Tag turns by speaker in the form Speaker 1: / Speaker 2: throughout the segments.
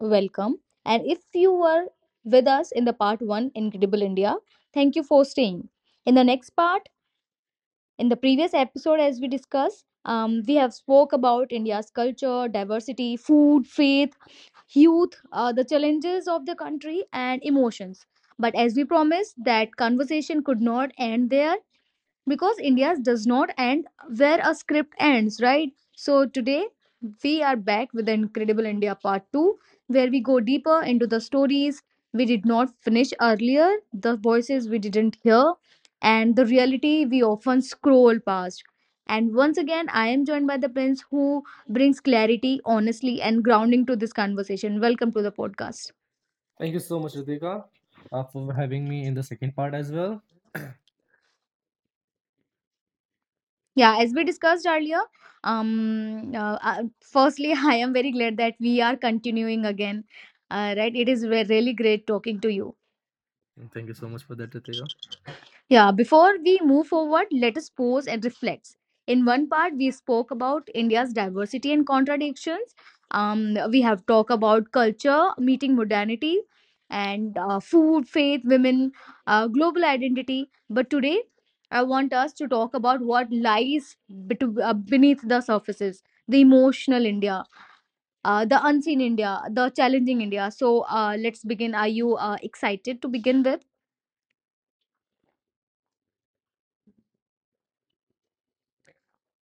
Speaker 1: welcome. And if you were with us in the part one, Incredible India, thank you for staying. In the next part, in the previous episode, as we discussed, we have spoke about India's culture, diversity, food, faith, youth, the challenges of the country, and emotions. But as we promised, that conversation could not end there because India's does not end where a script ends, right? So today we are back with the Incredible India Part 2, where we go deeper into the stories we did not finish earlier, the voices we didn't hear, and the reality we often scroll past. And once again, I am joined by the Prince who brings clarity, honestly, and grounding to this conversation. Welcome to the podcast.
Speaker 2: Thank you so much, Ritika, for having me in the second part as well.
Speaker 1: Yeah, as we discussed earlier, firstly, I am very glad that we are continuing again. Right, it is really great talking to you.
Speaker 2: And thank you so much for that, Ritika.
Speaker 1: Yeah, before we move forward, let us pause and reflect. In one part, we spoke about India's diversity and contradictions. We have talked about culture, meeting modernity, and food, faith, women, global identity. But today, I want us to talk about what lies beneath the surfaces the emotional India, the unseen India, the challenging India. So let's begin. Are you excited to begin with?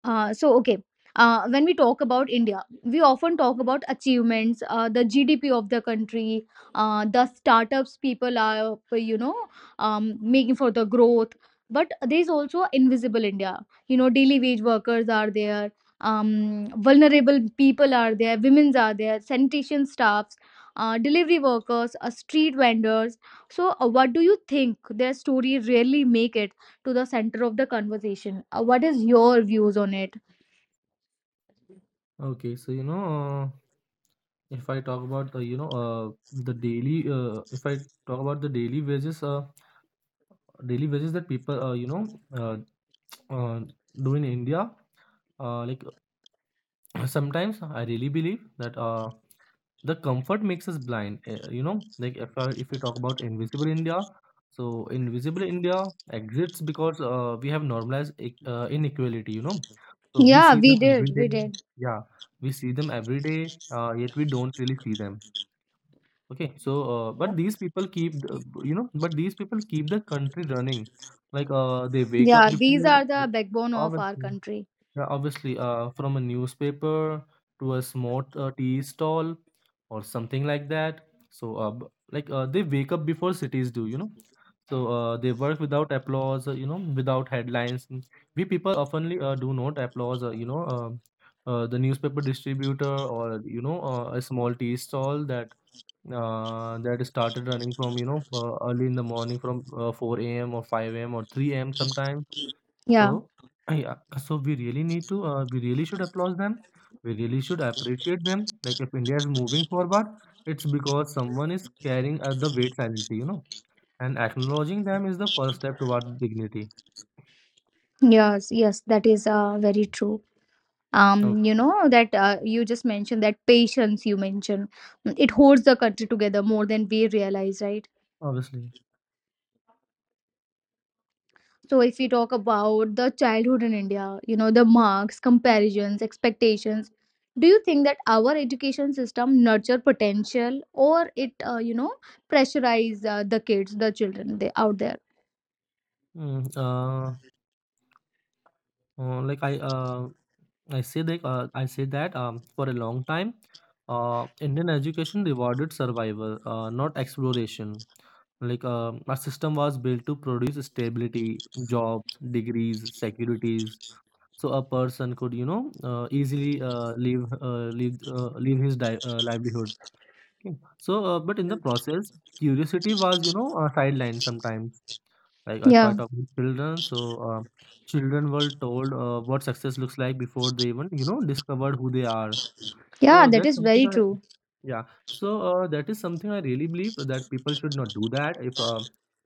Speaker 1: Uh, so okay when we talk about India, we often talk about achievements, the GDP of the country, the startups people are making for the growth, but there's also invisible India. Daily wage workers are there, vulnerable people are there, women's are there, sanitation staffs, delivery workers, street vendors. So what do you think their story really make it to the center of the conversation? What is your views on it?
Speaker 2: Okay, so if I talk about if I talk about the daily wages, that people uh, do in India, like sometimes I really believe that the comfort makes us blind, like if we talk about invisible India. So invisible India exists because we have normalized inequality, so we
Speaker 1: Yeah,
Speaker 2: see
Speaker 1: we
Speaker 2: them every
Speaker 1: did.
Speaker 2: day.
Speaker 1: We did.
Speaker 2: Yeah, we see them every day, yet we don't really see them. Okay, so
Speaker 1: Yeah.
Speaker 2: but these people keep the country running. Like they wake up
Speaker 1: Yeah, these
Speaker 2: before,
Speaker 1: are
Speaker 2: yeah,
Speaker 1: the backbone of our
Speaker 2: obviously,
Speaker 1: country.
Speaker 2: yeah, obviously, from a newspaper to a smart, tea stall or something like that. So, like they wake up before cities do, you know. So they work without applause, without headlines. We people oftenly do not applause, the newspaper distributor, or a small tea stall that that started running from, early in the morning, from 4 a.m. or 5 a.m. or 3 a.m. sometimes.
Speaker 1: Yeah,
Speaker 2: So, yeah, so we really should applaud them. We really should appreciate them. Like if India is moving forward, it's because someone is carrying the weight silently, you know. And acknowledging them is the first step toward dignity.
Speaker 1: yes, yes, that is very true.
Speaker 2: ob-
Speaker 1: You know that you just mentioned that patience you mentioned it holds the country together more than we realize, right?
Speaker 2: Obviously.
Speaker 1: So if we talk about the childhood in India, you know, the marks, comparisons, expectations, do you think that our education system nurture potential or it, you know, pressurize the kids, the children they, out there?
Speaker 2: Mm, uh, like I say that, for a long time, Indian education rewarded survival, not exploration. Like our system was built to produce stability, jobs, degrees, securities, so a person could, easily leave his livelihood. Okay. So, but in the process, curiosity was, sidelined sometimes. Like if I
Speaker 1: Yeah.
Speaker 2: talk with children, so children were told what success looks like before they even discovered who they are. So
Speaker 1: Yeah, that
Speaker 2: that's
Speaker 1: is
Speaker 2: something
Speaker 1: very
Speaker 2: I
Speaker 1: true.
Speaker 2: yeah. So that is something I really believe, that people should not do that. If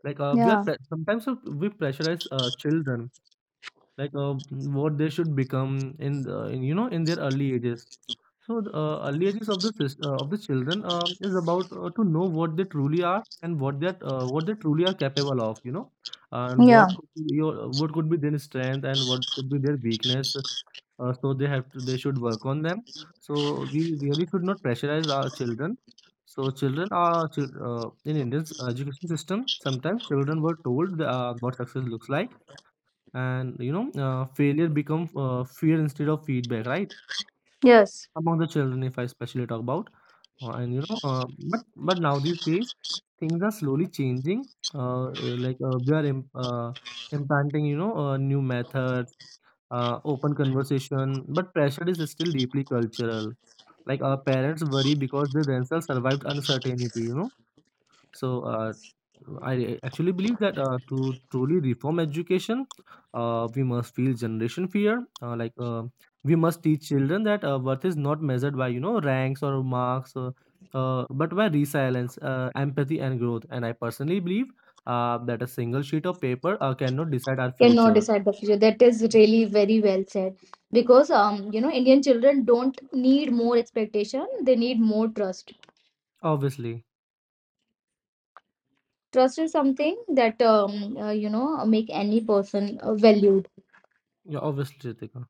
Speaker 2: like,
Speaker 1: Yeah.
Speaker 2: we pressurize children, like what they should become, in you know in their early ages. So the early ages of the children is about to know what they truly are, and what they truly are capable of, you know, and
Speaker 1: Yeah.
Speaker 2: what could be your what could be their strength, and what could be their weakness. So they should work on them. So we really should not pressurize our children. In Indian education system, sometimes children were told what success looks like, and failure become fear instead of feedback, right?
Speaker 1: Yes.
Speaker 2: Among the children, if I especially talk about, and you know but now these days things are slowly changing, like we are implanting, new methods, open conversation. But pressure is still deeply cultural. Like our parents worry because they themselves survived uncertainty, so I actually believe that, to truly reform education, we must feel generation fear. Like we must teach children that worth is not measured by, ranks or marks, but by resilience, empathy, and growth. And I personally believe that a single sheet of paper cannot decide our
Speaker 1: Cannot
Speaker 2: future.
Speaker 1: decide the future. That is really very well said. Because you know, Indian children don't need more expectation, they need more trust,
Speaker 2: Obviously,
Speaker 1: trust is something that you know make any person valued.
Speaker 2: yeah, obviously, Ritika.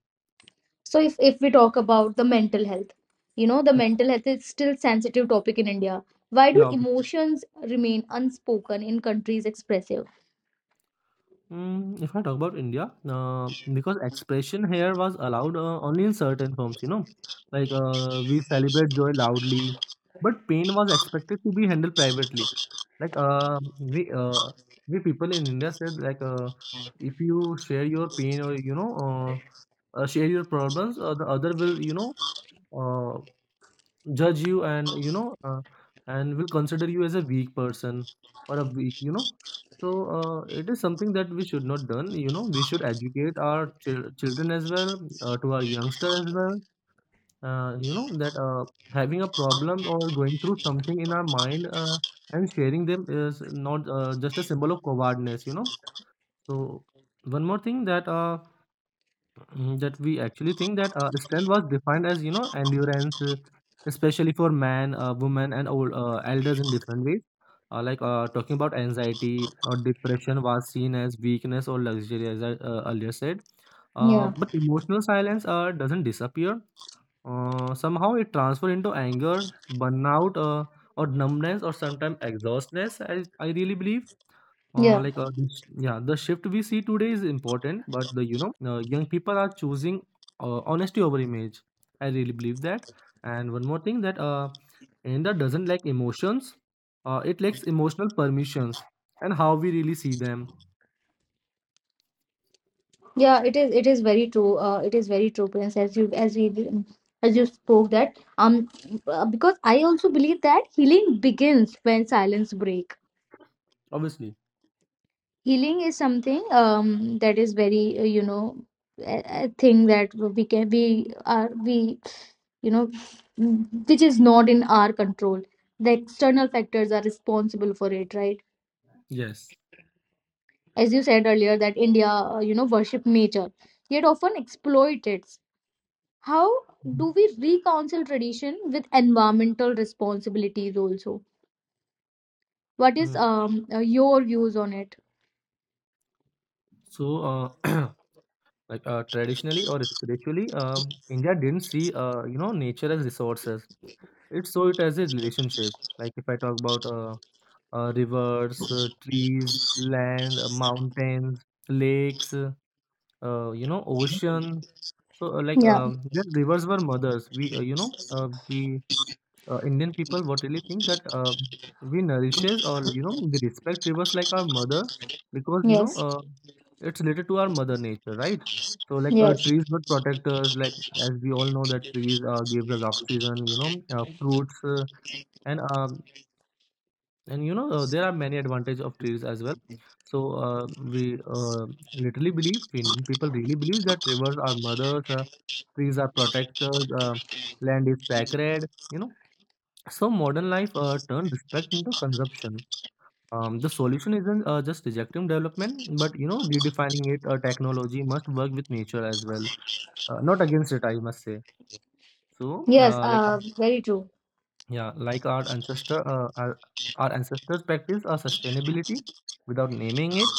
Speaker 1: So if we talk about the mental health, you know, the
Speaker 2: Hmm.
Speaker 1: mental health is still sensitive topic in India. Why do
Speaker 2: Yeah.
Speaker 1: emotions remain unspoken in countries expressive?
Speaker 2: If I talk about India, because expression here was allowed only in certain forms, you know. Like we celebrate joy loudly, but pain was expected to be handled privately. Like we people in India said, like if you share your pain, or share your problems, the other will, uh, judge you, and will consider you as a weak person, or a weak, so it is something that we should not done, we should educate our children as well, to our youngster as well, that having a problem, or going through something in our mind, and sharing them, is not just a symbol of cowardness, so one more thing, that Mhm, that we actually think that strength was defined as, endurance, especially for man, women, and old elders in different ways. Like talking about anxiety or depression was seen as weakness or luxury, as I earlier said.
Speaker 1: Yeah,
Speaker 2: But emotional silence doesn't disappear, somehow it transfers into anger, burnout, or numbness, or sometimes exhaustness. I really believe,
Speaker 1: yeah,
Speaker 2: like the sh- yeah the shift we see today is important, but the you know young people are choosing honesty over image. I really believe that. And one more thing, that India doesn't like emotions, it lacks emotional permissions, and how we really see them.
Speaker 1: yeah, it is, it is very true. It is very true, Prince, as you spoke that um because I also believe that healing begins when silence breaks.
Speaker 2: Obviously,
Speaker 1: Healing is something that is very you know a thing that we can we are we you know which is not in our control, the external factors are responsible for it, right?
Speaker 2: yes.
Speaker 1: As you said earlier that India, you know worship nature yet often exploit it, how do
Speaker 2: Mhm.
Speaker 1: we reconcile tradition with environmental responsibilities? Also what is
Speaker 2: Mm.
Speaker 1: your views on it?
Speaker 2: So like traditionally or spiritually, India didn't see, nature as resources. It saw it as a relationship. Like if I talk about, rivers, trees, land, mountains, lakes, ocean. So, like,
Speaker 1: Yeah,
Speaker 2: the rivers were mothers. We, you know, we Indian people, what really think that we nourishes, or you know, we respect rivers like our mother, because
Speaker 1: yes,
Speaker 2: it's related to our mother nature, right? So, like,
Speaker 1: yes,
Speaker 2: trees were protectors. Like, as we all know, that trees gives us oxygen, you know, fruits, and uh, and there are many advantages of trees as well. So uh, we literally believe, Indian people really believe that rivers are mothers, trees are protectors, land is sacred, so modern life turned respect into consumption. The solution isn't just rejecting development, but redefining it. Technology must work with nature as well, not against it, I must say. So
Speaker 1: yes,
Speaker 2: like,
Speaker 1: very true.
Speaker 2: yeah, like our ancestors practice sustainability without naming it.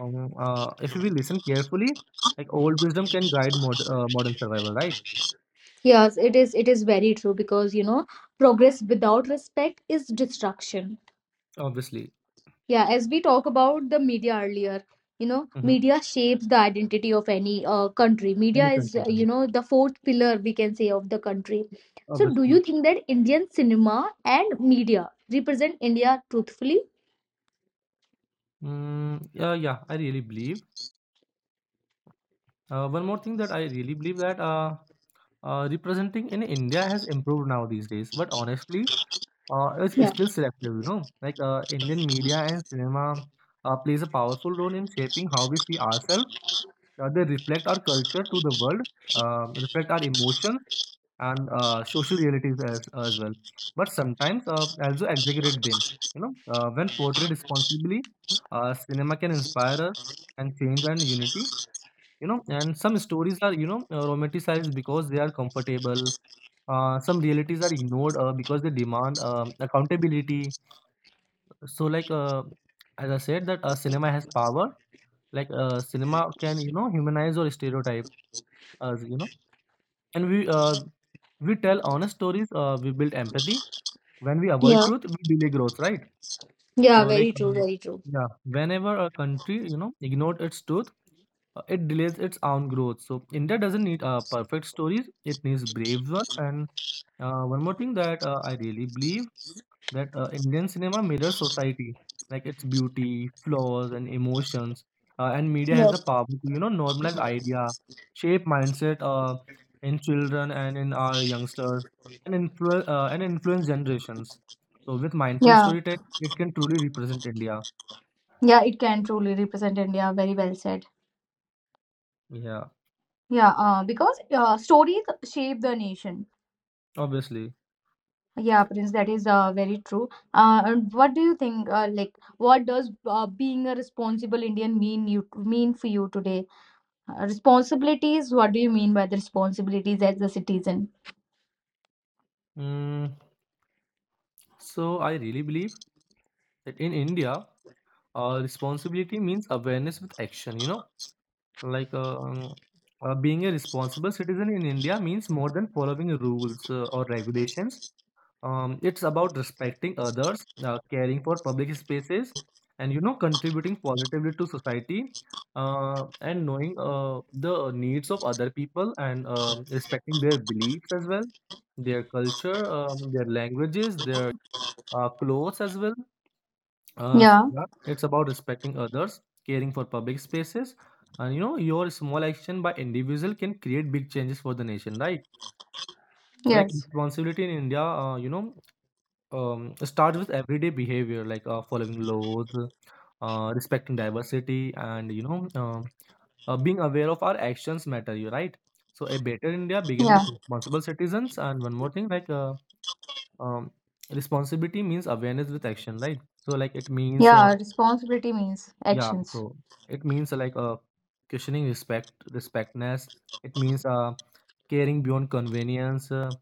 Speaker 2: If we listen carefully, like old wisdom can guide modern survival, right?
Speaker 1: Yes, it is. It is very true because you know progress without respect is destruction.
Speaker 2: Obviously.
Speaker 1: Yeah, as we talk about the media earlier, you know,
Speaker 2: Hmm,
Speaker 1: media shapes the identity of any country. Media
Speaker 2: any
Speaker 1: is
Speaker 2: country,
Speaker 1: you
Speaker 2: right?
Speaker 1: know the fourth pillar we can say of the country. So, do you
Speaker 2: Obviously.
Speaker 1: think that Indian cinema and media represent India truthfully?
Speaker 2: Yeah, yeah, I really believe. One more thing, that I really believe that representing in India has improved now these days. But honestly, is
Speaker 1: Yeah.
Speaker 2: still selective, you know. Like Indian media and cinema plays a powerful role in shaping how we see ourselves. They reflect our culture to the world, reflect our emotions, and social realities as well. But sometimes also exaggerate them. When portrayed responsibly, cinema can inspire us, and change, and unity. And some stories are, romanticized because they are comfortable. Some realities are ignored because they demand, accountability. So, like as I said, that cinema has power. Like cinema can humanize or stereotype us, you know, and we tell honest stories. We build empathy. When we avoid
Speaker 1: Yeah.
Speaker 2: truth, we delay growth, right?
Speaker 1: Yeah.
Speaker 2: So, like
Speaker 1: Very true. Very true.
Speaker 2: yeah, whenever a country ignored its truth, it delays its own growth. So India doesn't need perfect stories; it needs brave ones. And one more thing, that I really believe that Indian cinema mirrors society, like its beauty, flaws, and emotions. And media has the
Speaker 1: Yes.
Speaker 2: power to, you know, normalize idea, shape mindset in children, and in our youngsters, and influence generations. So with mindful
Speaker 1: Yeah.
Speaker 2: storytelling, it can truly represent India.
Speaker 1: Yeah. It can truly represent India. Very well said.
Speaker 2: Yeah,
Speaker 1: Yeah. Because stories shape the nation.
Speaker 2: obviously.
Speaker 1: Yeah, Prince, that is very true. And what do you think? Like, what does being a responsible Indian mean you mean for you today? Responsibilities. What do you mean by the responsibilities as a citizen?
Speaker 2: Mm, so I really believe that in India, responsibility means awareness with action. Like, being a responsible citizen in India means more than following rules or regulations. It's about respecting others, caring for public spaces, and contributing positively to society, and knowing the needs of other people, and respecting their beliefs as well, their culture, their languages, their clothes as well. So
Speaker 1: Yeah.
Speaker 2: yeah, it's about respecting others, caring for public spaces, and your small action by individual can create big changes for the nation, right? Like
Speaker 1: Yes.
Speaker 2: responsibility in India, starts with everyday behavior like following laws, respecting diversity, and being aware of our actions matter. You right? So a better India begins
Speaker 1: Yeah.
Speaker 2: with responsible citizens, and one more thing, like um, responsibility means awareness with action, right? So like it means. Uh,
Speaker 1: Yeah. Responsibility means
Speaker 2: Yeah,
Speaker 1: actions.
Speaker 2: so it means like questioning respect, respectness. It means caring beyond convenience.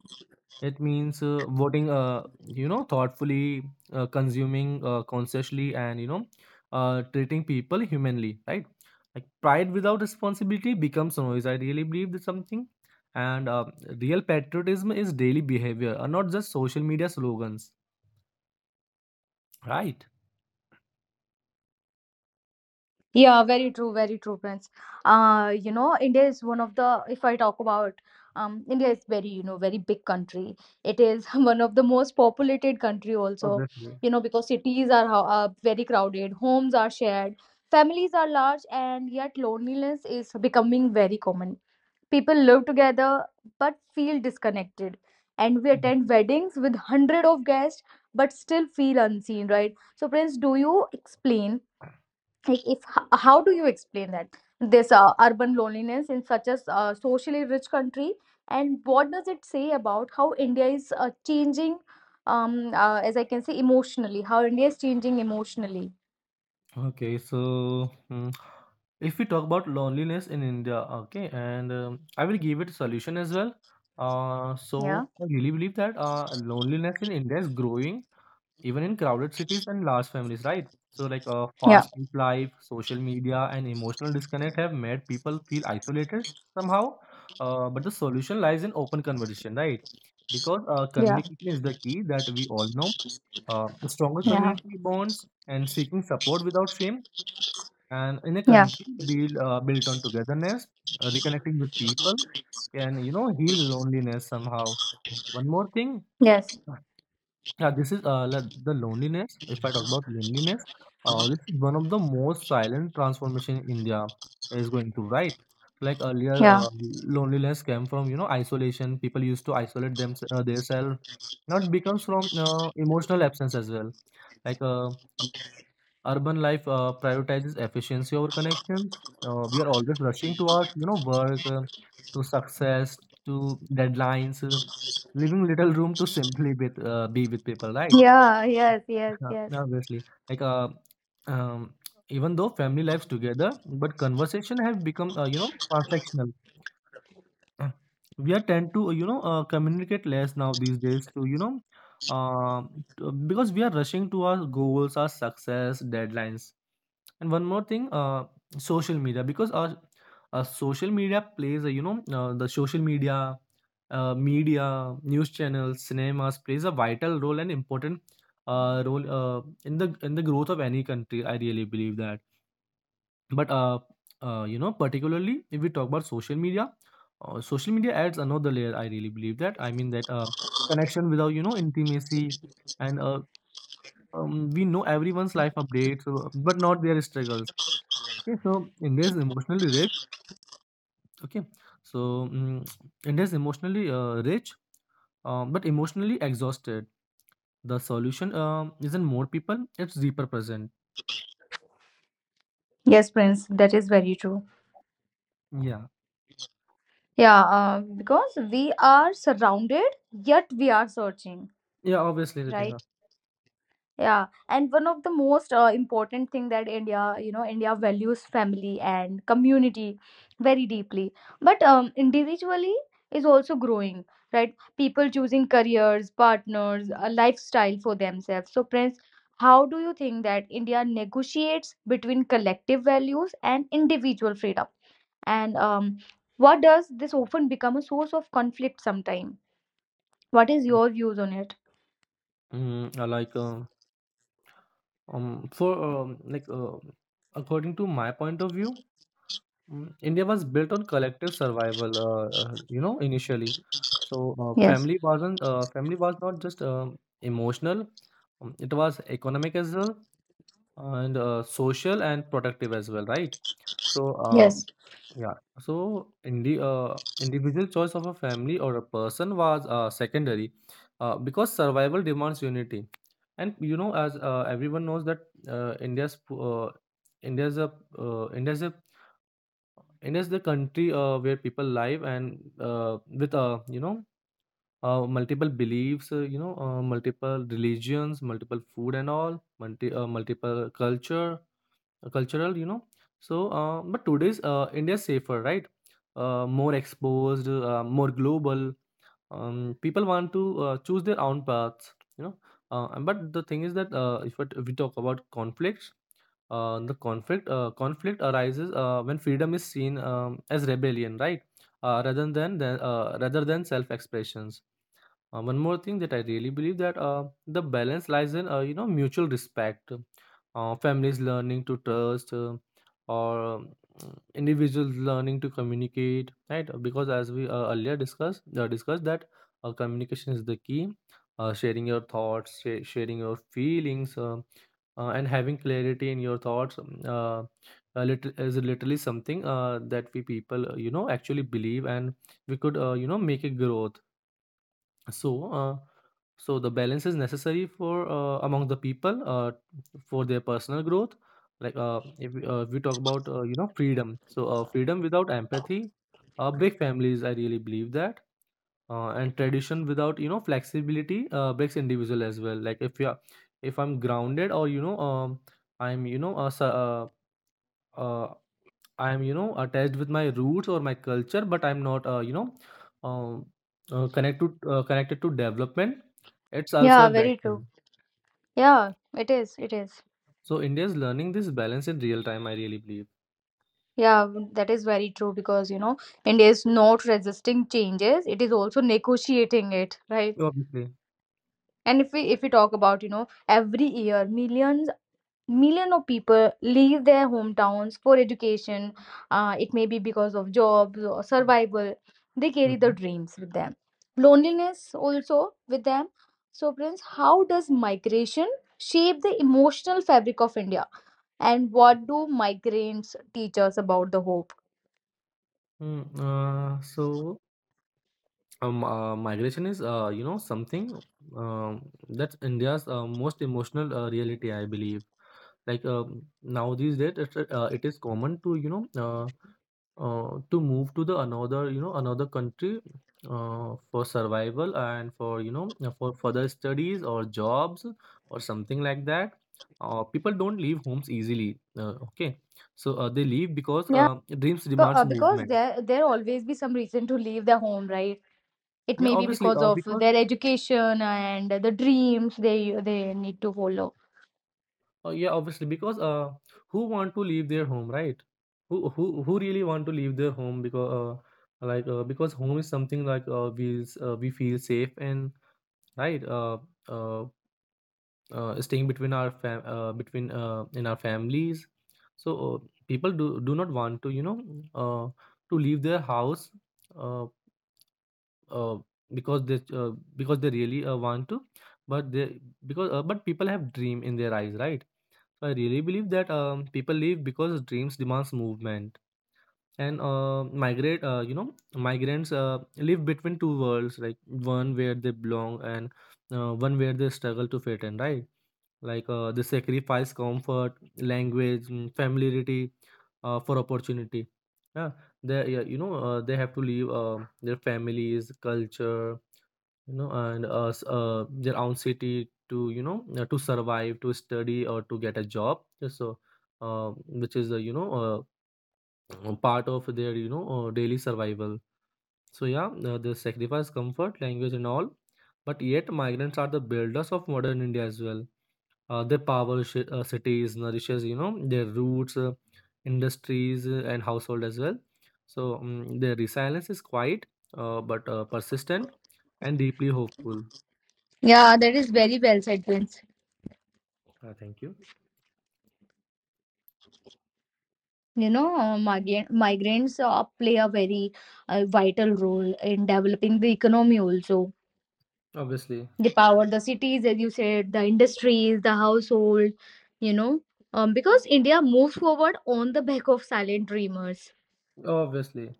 Speaker 2: It means voting, thoughtfully, consuming consciously, and treating people humanly, right? Like pride without responsibility becomes noise. I really believe this something, and real patriotism is daily behavior, not just social media slogans, right?
Speaker 1: Yeah, very true, Prince. You know, India is one of the, if I talk about, India is very, you know, very big country. It is one of the most populated country also,
Speaker 2: Obviously.
Speaker 1: you know, because cities are, are very crowded, homes are shared, families are large, and yet loneliness is becoming very common. People live together but feel disconnected. And we attend weddings with 100 of guests but still feel unseen, right? So, Prince, do you explain? Like if how do you explain that this urban loneliness in such a socially rich country, and what does it say about how India is changing? As I can say emotionally, how India is changing emotionally?
Speaker 2: Okay, so if we talk about loneliness in India, okay, and I will give it a solution as well.
Speaker 1: Yeah,
Speaker 2: So I really believe that loneliness in India is growing even in crowded cities and large families, right? So like
Speaker 1: yeah,
Speaker 2: fast-paced life, social media, and emotional disconnect have made people feel isolated somehow. But the solution lies in open conversation, right? Because
Speaker 1: yeah,
Speaker 2: communication is the key that we all know. Stronger
Speaker 1: yeah,
Speaker 2: community bonds and seeking support without shame, and in a
Speaker 1: yeah,
Speaker 2: country built built on togetherness, reconnecting with people can heal loneliness somehow. One more thing,
Speaker 1: yes,
Speaker 2: yeah, this is the loneliness. If I talk about loneliness, this is one of the most silent transformation India is going to, right. Like earlier,
Speaker 1: yeah,
Speaker 2: loneliness came from isolation. People used to isolate themselves, themselves. Now it becomes from emotional absence as well. Like urban life prioritizes efficiency over connections. We are always rushing towards, work, to success, to deadlines, leaving little room to simply with, be with people, right?
Speaker 1: yeah, yes, yes, yes,
Speaker 2: Yeah. Obviously, like um, even though family lives together, but conversation have become, transactional. Uh, we are tend to communicate less now these days, so uh, because we are rushing to our goals, our success deadlines. And one more thing, social media, because our social media plays a the social media, media, news channels, cinemas plays a vital role and important role in the growth of any country. I really believe that. But particularly if we talk about social media, social media adds another layer. I really believe that. I mean that connection without intimacy, and we know everyone's life updates, but not their struggles. Okay, so in this emotionally rich, okay, so in this emotionally rich but emotionally exhausted, the solution isn't more people, it's deeper present.
Speaker 1: yes, Prince, that is very true.
Speaker 2: yeah
Speaker 1: Yeah, because we are surrounded yet we are searching,
Speaker 2: yeah obviously, Ritika.
Speaker 1: right? Yeah, and one of the most important thing that India, you know, India values family and community very deeply. But individually is also growing, right? People choosing careers, partners, a lifestyle for themselves. So, Prince, how do you think that India negotiates between collective values and individual freedom? And what does this often become a source of conflict sometime? What is your views on it?
Speaker 2: I like for like according to my point of view, India was built on collective survival. Initially, so
Speaker 1: Yes.
Speaker 2: family wasn't family was not just emotional. It was economic as well, and social and productive as well, right? So
Speaker 1: Yes.
Speaker 2: yeah. So in the individual choice of a family or a person was secondary, because survival demands unity. And you know as everyone knows that India's p- India's a India's a India's the country where people live and with you know multiple beliefs, multiple religions, multiple food and all, multiple cultural, so but today's India is safer, right? More exposed, more global, people want to choose their own paths, but the thing is that if we talk about conflicts, the conflict conflict arises when freedom is seen as rebellion, right? Rather than the, rather than self expressions. One more thing that I really believe that the balance lies in mutual respect, families learning to trust, or individuals learning to communicate, right? Because as we earlier discussed, that communication is the key. Sharing your thoughts, sharing your feelings, and having clarity in your thoughts, a little, is literally something that we people actually believe, and we could make a growth. So, so the balance is necessary for among the people for their personal growth. Like if we talk about freedom, so freedom without empathy, big families. I really believe that, and tradition without flexibility breaks individual as well. Like if you are, if I'm grounded, or I'm uh, I am, you know, attached with my roots or my culture, but I'm not, um connected to development. It's also
Speaker 1: Yeah,
Speaker 2: a bad
Speaker 1: very true.
Speaker 2: thing.
Speaker 1: Yeah, it is. It is.
Speaker 2: So India is learning this balance in real time. I really believe.
Speaker 1: Yeah, that is very true because, you know, India is not resisting changes, it is also negotiating it, right?
Speaker 2: Obviously.
Speaker 1: And if we talk about, you know, every year millions million of people leave their hometowns for education. It may be because of jobs or survival. They carry the
Speaker 2: Mhm.
Speaker 1: dreams with them. Loneliness also with them. So, Prince, how does migration shape the emotional fabric of India? And what do migrants teach us about the hope?
Speaker 2: Mm, uh, so Migration is, something that's India's most emotional reality, I believe. Like now these days, it, it is common to, to move to the another, another country for survival and for for further studies or jobs or something like that. People don't leave homes easily. Okay, so they leave because
Speaker 1: Yeah.
Speaker 2: dreams demands
Speaker 1: Because
Speaker 2: movement.
Speaker 1: there always be some reason to leave their home, right? It
Speaker 2: Yeah,
Speaker 1: may be
Speaker 2: obviously.
Speaker 1: because of
Speaker 2: Because
Speaker 1: their education and the dreams they need to follow.
Speaker 2: uh, yeah obviously because uh, who want to leave their home, right? Who really want to leave their home? Because because home is something like we feel safe and right, uh, staying between our fam- between in our families. So people do not want to uh, to leave their house, uh, uh, because they uh, because they really want to but they because but people have dream in their eyes, right? So I really believe that people leave because dreams demands movement. And migrate you know migrants live between two worlds, like one where they belong, and one where they struggle to fit in, right? Like they sacrifice comfort, language, familiarity for opportunity. Yeah they yeah, you know they have to leave their families, culture, and their own city to to survive, to study, or to get a job. Yeah, so uh, which is part of their daily survival. So yeah, they sacrifice comfort, language, and all. But yet, migrants are the builders of modern India as well. Their power cities, nourishes their roots, industries, and household as well. So their resilience is quiet, but persistent and deeply hopeful.
Speaker 1: Yeah, that is very well said, Prince.
Speaker 2: Thank you.
Speaker 1: You know, migrants play a very vital role in developing the economy also.
Speaker 2: Obviously,
Speaker 1: They power the cities, as you said, the industries, the household, you know, because India moves forward on the back of silent dreamers.
Speaker 2: obviously.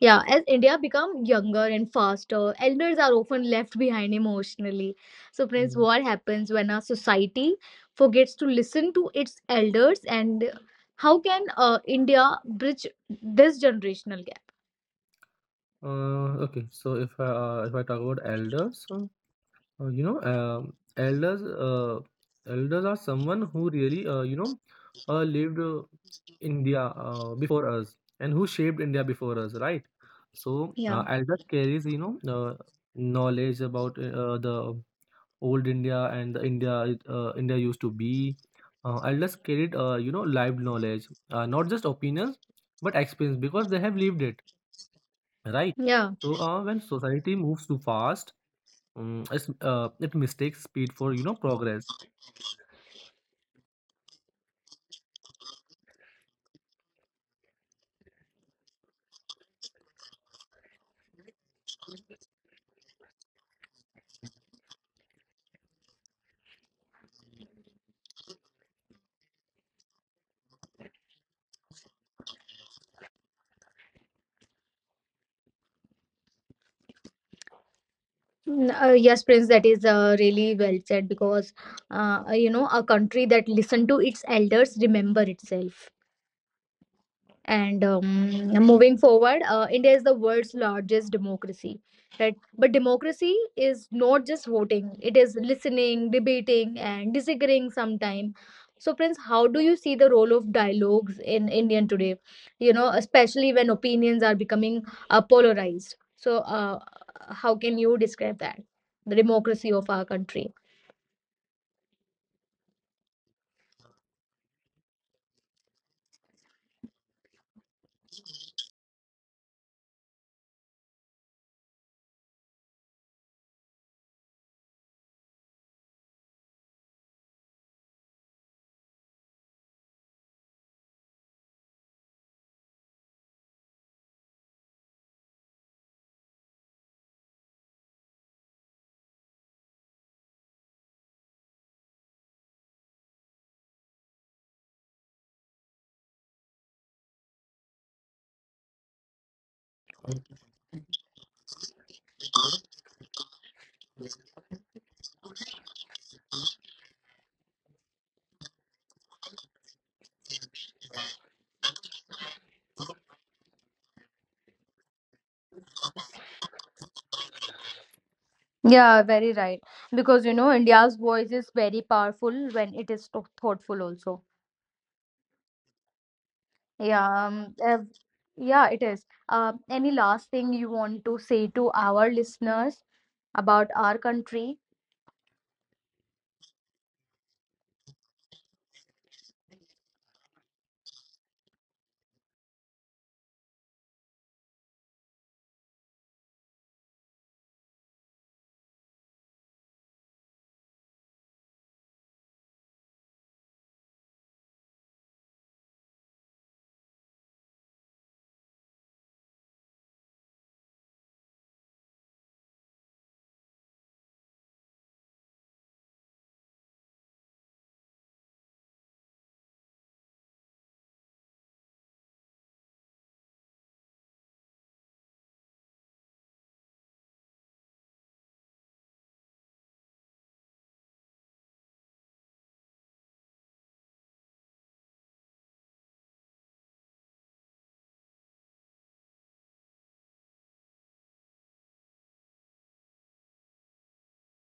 Speaker 1: Yeah, as India become younger and faster, elders are often left behind emotionally. So, friends,
Speaker 2: uh,
Speaker 1: what happens when a society forgets to listen to its elders, and how can India bridge this generational gap?
Speaker 2: okay, so if I, if I talk about elders, so Uh, you know, um, elders, uh, elders are someone who really, lived India before us and who shaped India before us, right? So,
Speaker 1: Yeah.
Speaker 2: elders carries, knowledge about the old India and the India India used to be. Elders carried, lived knowledge, not just opinions, but experience, because they have lived it, right?
Speaker 1: Yeah,
Speaker 2: So, when society moves too fast, it's it mistakes speed for progress.
Speaker 1: Yes, Prince, that is really well said because you know a country that listen to its elders remember itself. And moving forward, India is the world's largest democracy, right? But democracy is not just voting, it is listening, debating, and disagreeing sometime. So Prince, how do you see the role of dialogues in indian today? You know, especially when opinions are becoming polarized. So how can you describe that the democracy of our country? Yeah, very right. Because you know, India's voice is very powerful when it is thoughtful, also. Yeah, yeah, it is. Any last thing you want to say to our listeners about our country?